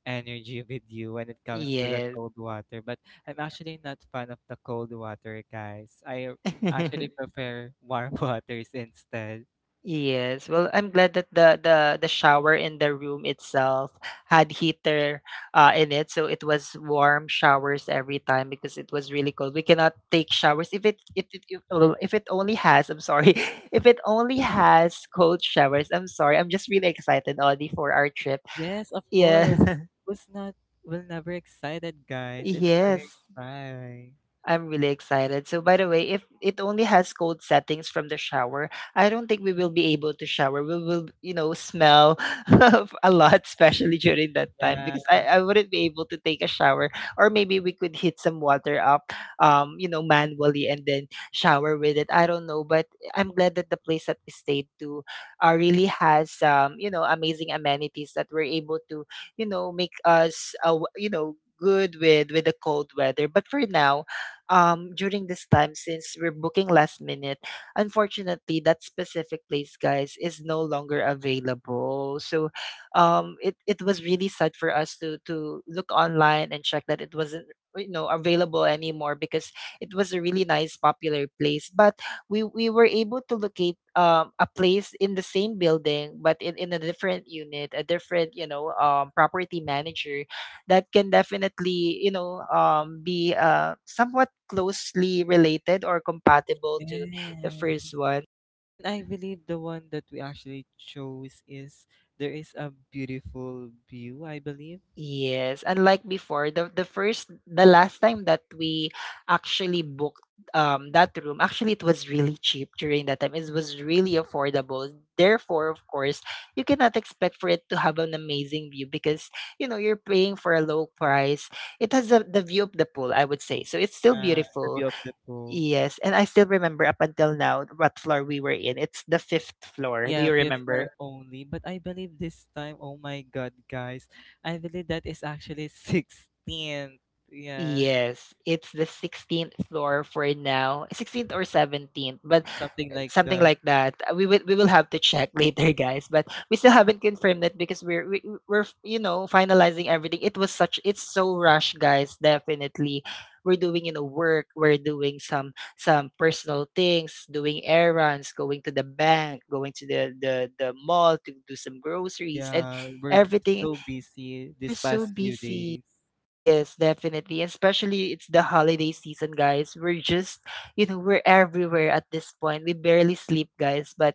energy with you when it comes to the
yes.
cold water, but I'm actually not fan of the cold water, guys. I actually prefer warm waters instead.
Yes. Well, I'm glad that the shower in the room itself had heater in it, so it was warm showers every time because it was really cold. We cannot take showers if it it, it if oh, if it only has, I'm sorry, if it only has cold showers. I'm sorry. I'm just really excited, Audie, for our trip.
Yes, of course.
Yeah.
Who's not will never excited, guys. It's a
Yes.
fine.
I'm really excited. So, by the way, if it only has cold settings from the shower, I don't think we will be able to shower. We will, you know, smell a lot, especially during that time,
Yeah.
because I wouldn't be able to take a shower. Or maybe we could heat some water up, you know, manually, and then shower with it. I don't know, but I'm glad that the place that we stayed to really has, you know, amazing amenities that we're able to, you know, make us, you know, good with the cold weather. But for now, during this time, since we're booking last minute. Unfortunately, that specific place, guys, is no longer available. So it was really sad for us to look online and check that it wasn't, you know, available anymore because it was a really nice popular place. But we were able to locate a place in the same building, but in a different unit, a different, you know, property manager that can definitely, you know, be somewhat closely related or compatible to the
Yes.
first one.
And I believe the one that we actually chose is there is a beautiful view, I believe.
Yes, unlike before, the last time that we actually booked that room, actually it was really cheap during that time. It was really affordable. Therefore, of course, you cannot expect for it to have an amazing view because, you know, you're paying for a low price. It has a, the view of the pool, I would say. So it's still
Yeah, the
beautiful.
view of the pool.
Yes, and I still remember up until now what floor we were in. It's the fifth floor. Do
Yeah,
you
fifth floor
remember?
only. But I believe this time, oh my god, guys. I believe that is actually 16th. Yeah.
Yes, it's the 16th floor for now. 16th or 17th, but
Something like
something
that.
like that. We will have to check later, guys, but we still haven't confirmed it because we're, you know, finalizing everything. It was such It's so rushed, guys, definitely. We're doing, you know, work, we're doing some personal things, doing errands, going to the bank, going to the mall to do some groceries, and
Yeah, we're
everything.
so busy
We're
this
so
past few
busy.
days.
Yes, definitely. Especially it's the holiday season, guys. We're just, you know, we're everywhere at this point. We barely sleep, guys. But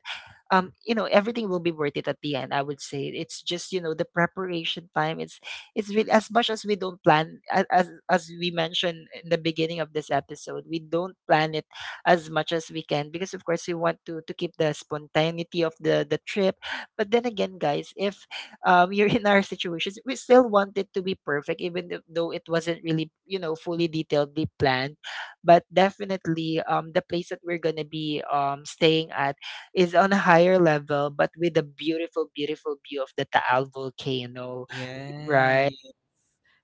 you know, everything will be worth it at the end, I would say. It's just, you know, the preparation time. It's really, as much as we don't plan, as we mentioned in the beginning of this episode, we don't plan it as much as we can because of course we want to keep the spontaneity of the trip. But then again, guys, if you're in our situations, we still want it to be perfect, even though it wasn't really, you know, fully detailedly planned. But definitely, the place that we're gonna be staying at is on a higher level, but with a beautiful, beautiful view of the Taal volcano, right?
Yes.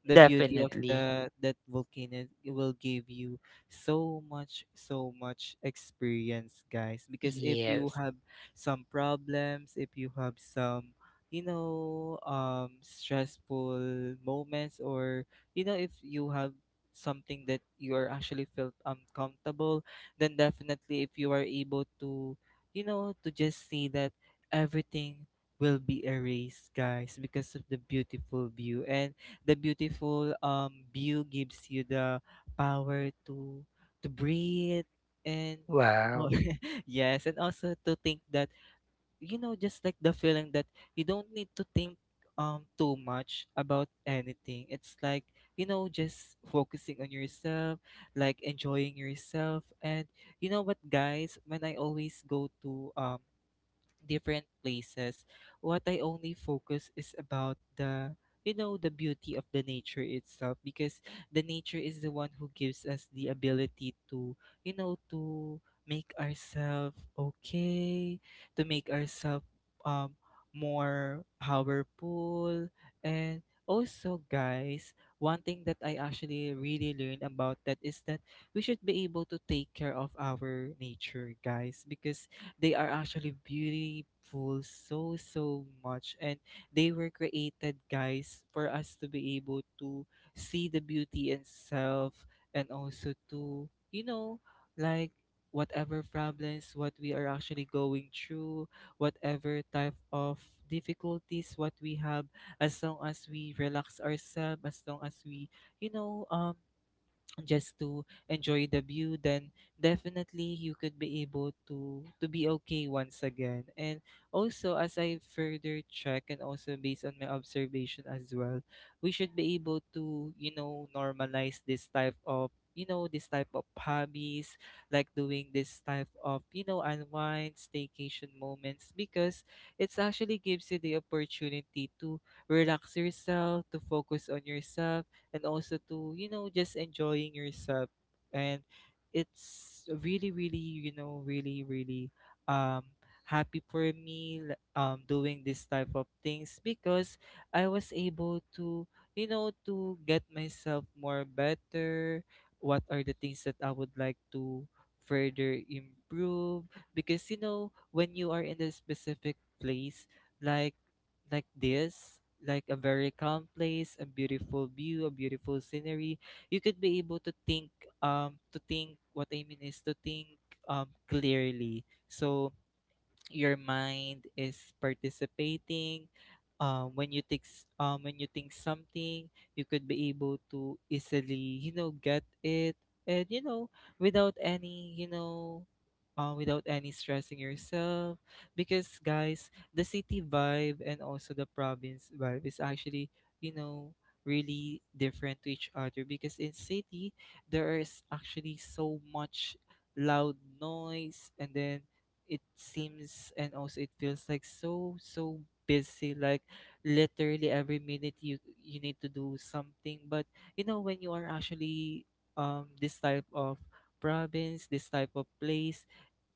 The beauty of
Definitely.
the that volcano will give you so much, so much experience, guys. Because if you
Yes.
have some problems, if you have some, you know, stressful moments, or you know, if you have something that you are actually felt uncomfortable, then definitely if you are able to, you know, to just see that everything will be erased, guys, because of the beautiful view. And the beautiful view gives you the power to breathe and oh,
Wow.
yes, and also to think that, you know, just like the feeling that you don't need to think too much about anything. It's like, you know, just focusing on yourself, like enjoying yourself. And you know what, guys, when I always go to different places, what I only focus is about the, you know, the beauty of the nature itself, because the nature is the one who gives us the ability to, you know, to make ourselves okay, to make ourselves um more powerful. And also, guys, one thing that I actually really learned about that is that we should be able to take care of our nature, guys, because they are actually beautiful so so much. And they were created, guys, for us to be able to see the beauty in self, and also to, you know, like, whatever problems what we are actually going through, whatever type of difficulties what we have, as long as we relax ourselves, as long as we, you know um just to enjoy the view, then definitely you could be able to be okay once again. And also, as I further check, and also based on my observation as well, we should be able to, you know, normalize this type of, you know, this type of hobbies, like doing this type of, you know, unwind staycation moments, because it's actually gives you the opportunity to relax yourself, to focus on yourself, and also to, you know, just enjoying yourself. And it's really really, you know, really really um happy for me doing this type of things, because I was able to, you know, to get myself more better, what are the things that I would like to further improve. Because, you know, when you are in a specific place, like like this, like a very calm place, a beautiful view, a beautiful scenery, you could be able to think, what I mean is to think clearly. So your mind is participating, when you think something, you could be able to easily, you know, get it. And, you know, without any, you know, without any stressing yourself. Because, guys, the city vibe and also the province vibe is actually, you know, really different to each other. Because in city, there is actually so much loud noise. And then it seems and also it feels like so so busy, like literally every minute you you need to do something. But, you know, when you are actually, this type of province, this type of place,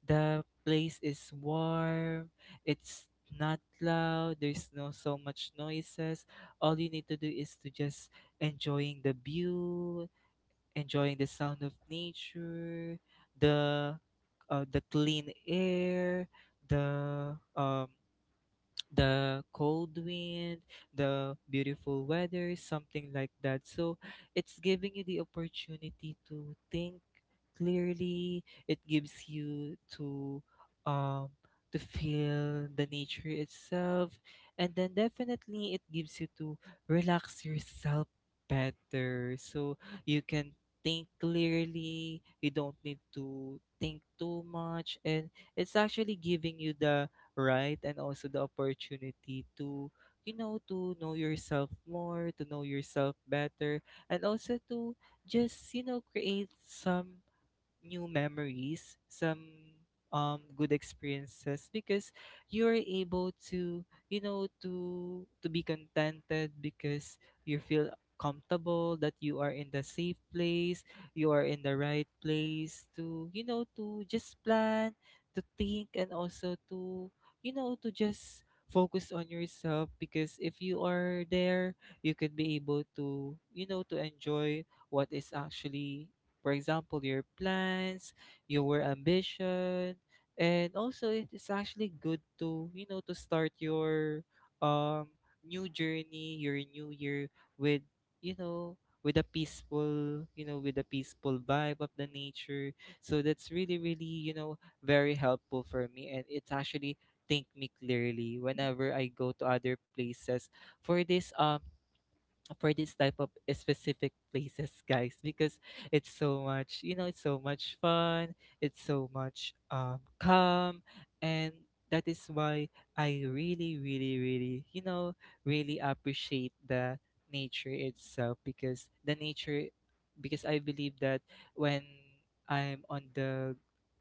the place is warm, it's not loud, there's no so much noises. All you need to do is to just enjoying the view, enjoying the sound of nature, the the clean air, the um, the cold wind, the beautiful weather, something like that. So it's giving you the opportunity to think clearly. It gives you um to feel the nature itself. And then definitely it gives you to relax yourself better. So you can think clearly, you don't need to think too much. And it's actually giving you the, right? And also the opportunity to, you know, to know yourself more, to know yourself better, and also to just, you know, create some new memories, some good experiences. Because you're able to, you know, to be contented, because you feel comfortable that you are in the safe place, you are in the right place to, you know, to just plan, to think, and also to, you know, to just focus on yourself. Because if you are there, you could be able to, you know, to enjoy what is actually, for example, your plans, your ambition. And also it is actually good to, you know, to start your um new journey, your new year with, you know, with a peaceful, you know, with a peaceful vibe of the nature. So that's really, really, you know, very helpful for me. And it's actually think me clearly whenever I go to other places for this for this type of specific places, guys, because it's so much, you know, it's so much fun. It's so much calm, and that is why I really really really you know, really appreciate the nature itself. Because the nature, because I believe that when I'm on the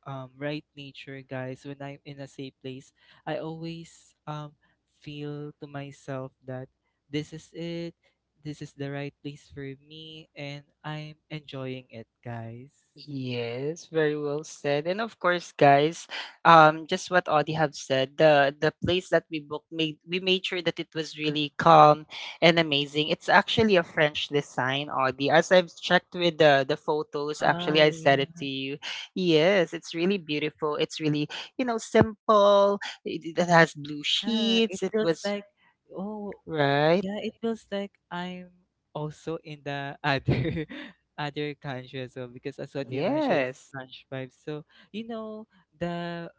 right nature, guys, when I'm in a safe place, I always feel to myself that this is it. This is the right place for me, and I'm enjoying it, guys.
Yes, very well said. And of course, guys, just what Audie have said, the place that we booked made sure that it was really calm and amazing. It's actually a French design, Audie. As I've checked with the photos, actually
Wow,
I
yeah.
said it to you. Yes, it's really beautiful. It's really, you know, simple. It has blue
Yeah,
sheets.
it
It
feels
was
like oh,
right.
yeah, it feels like I'm also in the other other country as well, because as what you mentioned it's
Yes.
French vibes. So, you know, the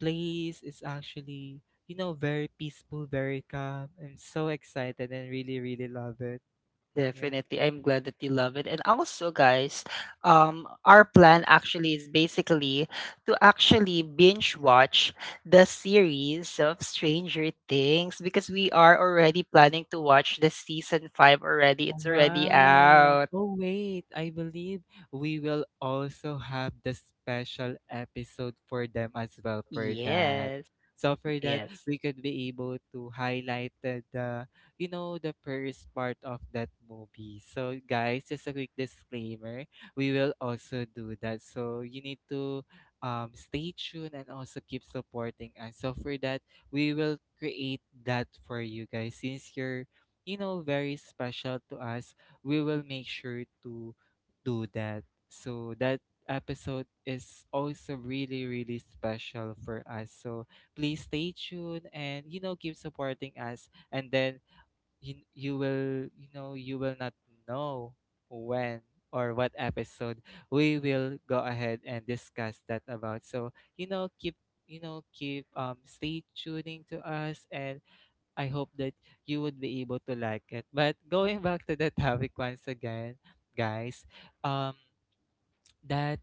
place is actually, you know, very peaceful, very calm. I'm so excited and really, really love it. Yeah.
Definitely. I'm glad that you love it. And also, guys, our plan actually is basically to actually binge watch the series of Stranger Things because we are already planning to watch the season 5 already. It's already
Wow.
out.
Oh, wait. I believe we will also have the special episode for them as well for that.
Yes.
So for that,
Yes.
we could be able to highlight the you know, the first part of that movie. So guys, just a quick disclaimer, we will also do that. So you need to stay tuned and also keep supporting us. So for that, we will create that for you guys. Since you're, very special to us, we will make sure to do that. So that episode is also really, really special for us. So please stay tuned and, you know, keep supporting us. And then you will, you know, you will not know when or what episode we will go ahead and discuss that about. So, you know, keep stay tuning to us, and I hope that you would be able to like it. But going back to the topic once again, guys, um, that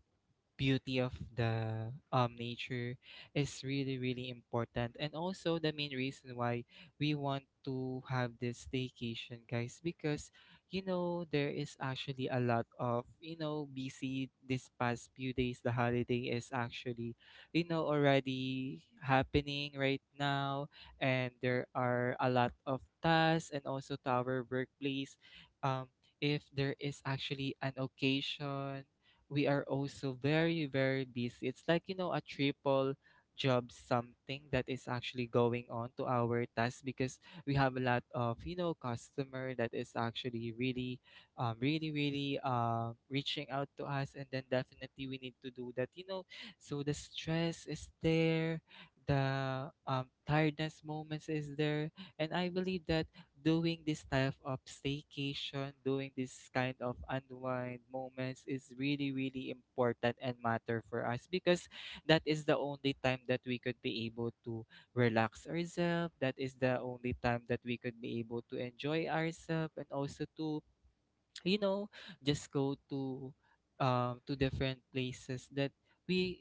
beauty of the nature is really really important, and also the main reason why we want to have this staycation, guys. Because you know there is actually a lot of, you know, busy this past few days. The holiday is actually, you know, already happening right now, and there are a lot of tasks and also to our workplace. um if there is actually an occasion, we are also very, very busy. It's like, you know, a triple job. Something that is actually going on to our task because we have a lot of, you know, customer that is actually really, really, really reaching out to us. And then definitely we need to do that, you know. So the stress is there. The tiredness moments is there, and I believe that doing this type of staycation, doing this kind of unwind moments is really, really important and matter for us. Because that is the only time that we could be able to relax ourselves. That is the only time that we could be able to enjoy ourselves and also to, you know, just go to different places that we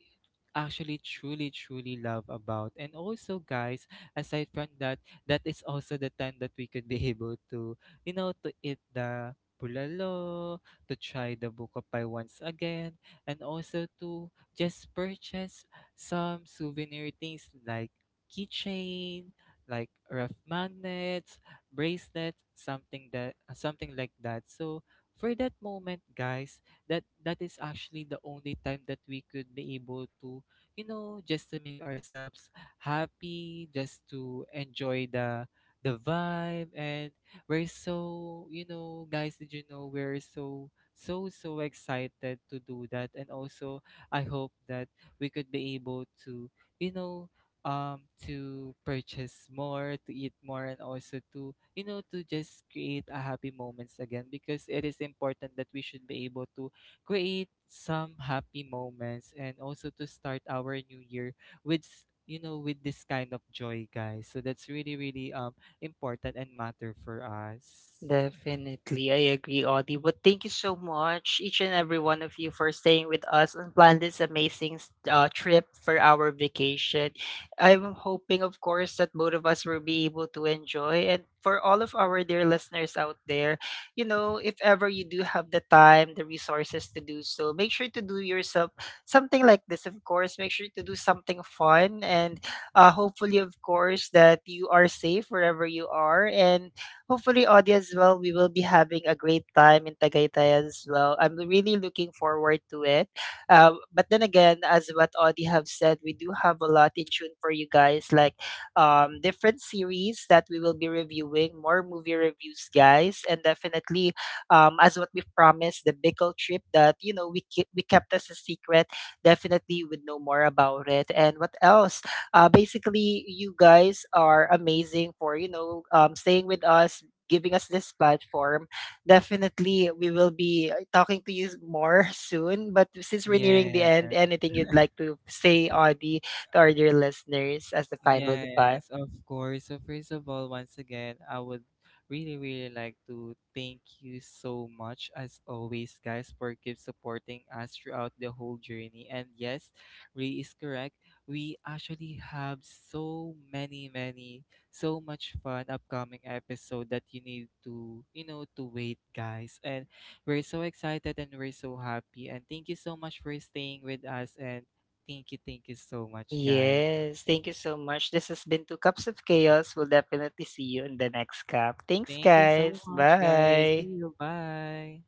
actually truly truly love about. And also guys, aside from that, that is also the time that we could be able to, you know, to eat the bulalo, to try the bukapai once again, and also to just purchase some souvenir things, like keychain, like rough magnets, bracelet, something that, something like that. So for that moment, guys, that is actually the only time that we could be able to, you know, just to make ourselves happy, just to enjoy the vibe. And we're so, you know, guys, did you know, we're so so so excited to do that. And also I hope that we could be able to, you know, to purchase more, to eat more, and also to, you know, to just create a happy moments again, because it is important that we should be able to create some happy moments and also to start our new year you know, with this kind of joy, guys. So that's really really important and matter for us.
Definitely, I agree, Audie. But thank you so much, each and every one of you, for staying with us and plan this amazing trip for our vacation. I'm hoping, of course, that both of us will be able to enjoy. And for all of our dear listeners out there, you know, if ever you do have the time, the resources to do so, make sure to do yourself something like this, of course. Make sure to do something fun. And hopefully, of course, that you are safe wherever you are. And hopefully audience as well, we will be having a great time in Tagaytay as well. I'm really looking forward to it. But then again, as what Audie have said, we do have a lot in tune for you guys, like different series that we will be reviewing, more movie reviews, guys, and definitely as what we promised, the Bicol trip that, you know, we kept as a secret. Definitely, you would know more about it. And what else? Basically, you guys are amazing for, you know, staying with us, giving us this platform. Definitely, we will be talking to you more soon. But since we're nearing the
Yeah.
end, anything you'd like to say, Audie, to our dear listeners as the final goodbye?
Yes, of course. So first of all, once again, I would really, really like to thank you so much as always, guys, for keep supporting us throughout the whole journey. And yes, Ray is correct. We actually have so many, many, so much fun upcoming episode that you need to, you know, to wait, guys. And we're so excited and we're so happy. And thank you so much for staying with us. And thank you so much, guys.
Yes, thank you so much. This has been Two Cups of Chaos. We'll definitely see you in the next cup. Thanks,
Thank you so
guys.
much, guys. See
Bye.
you. Bye.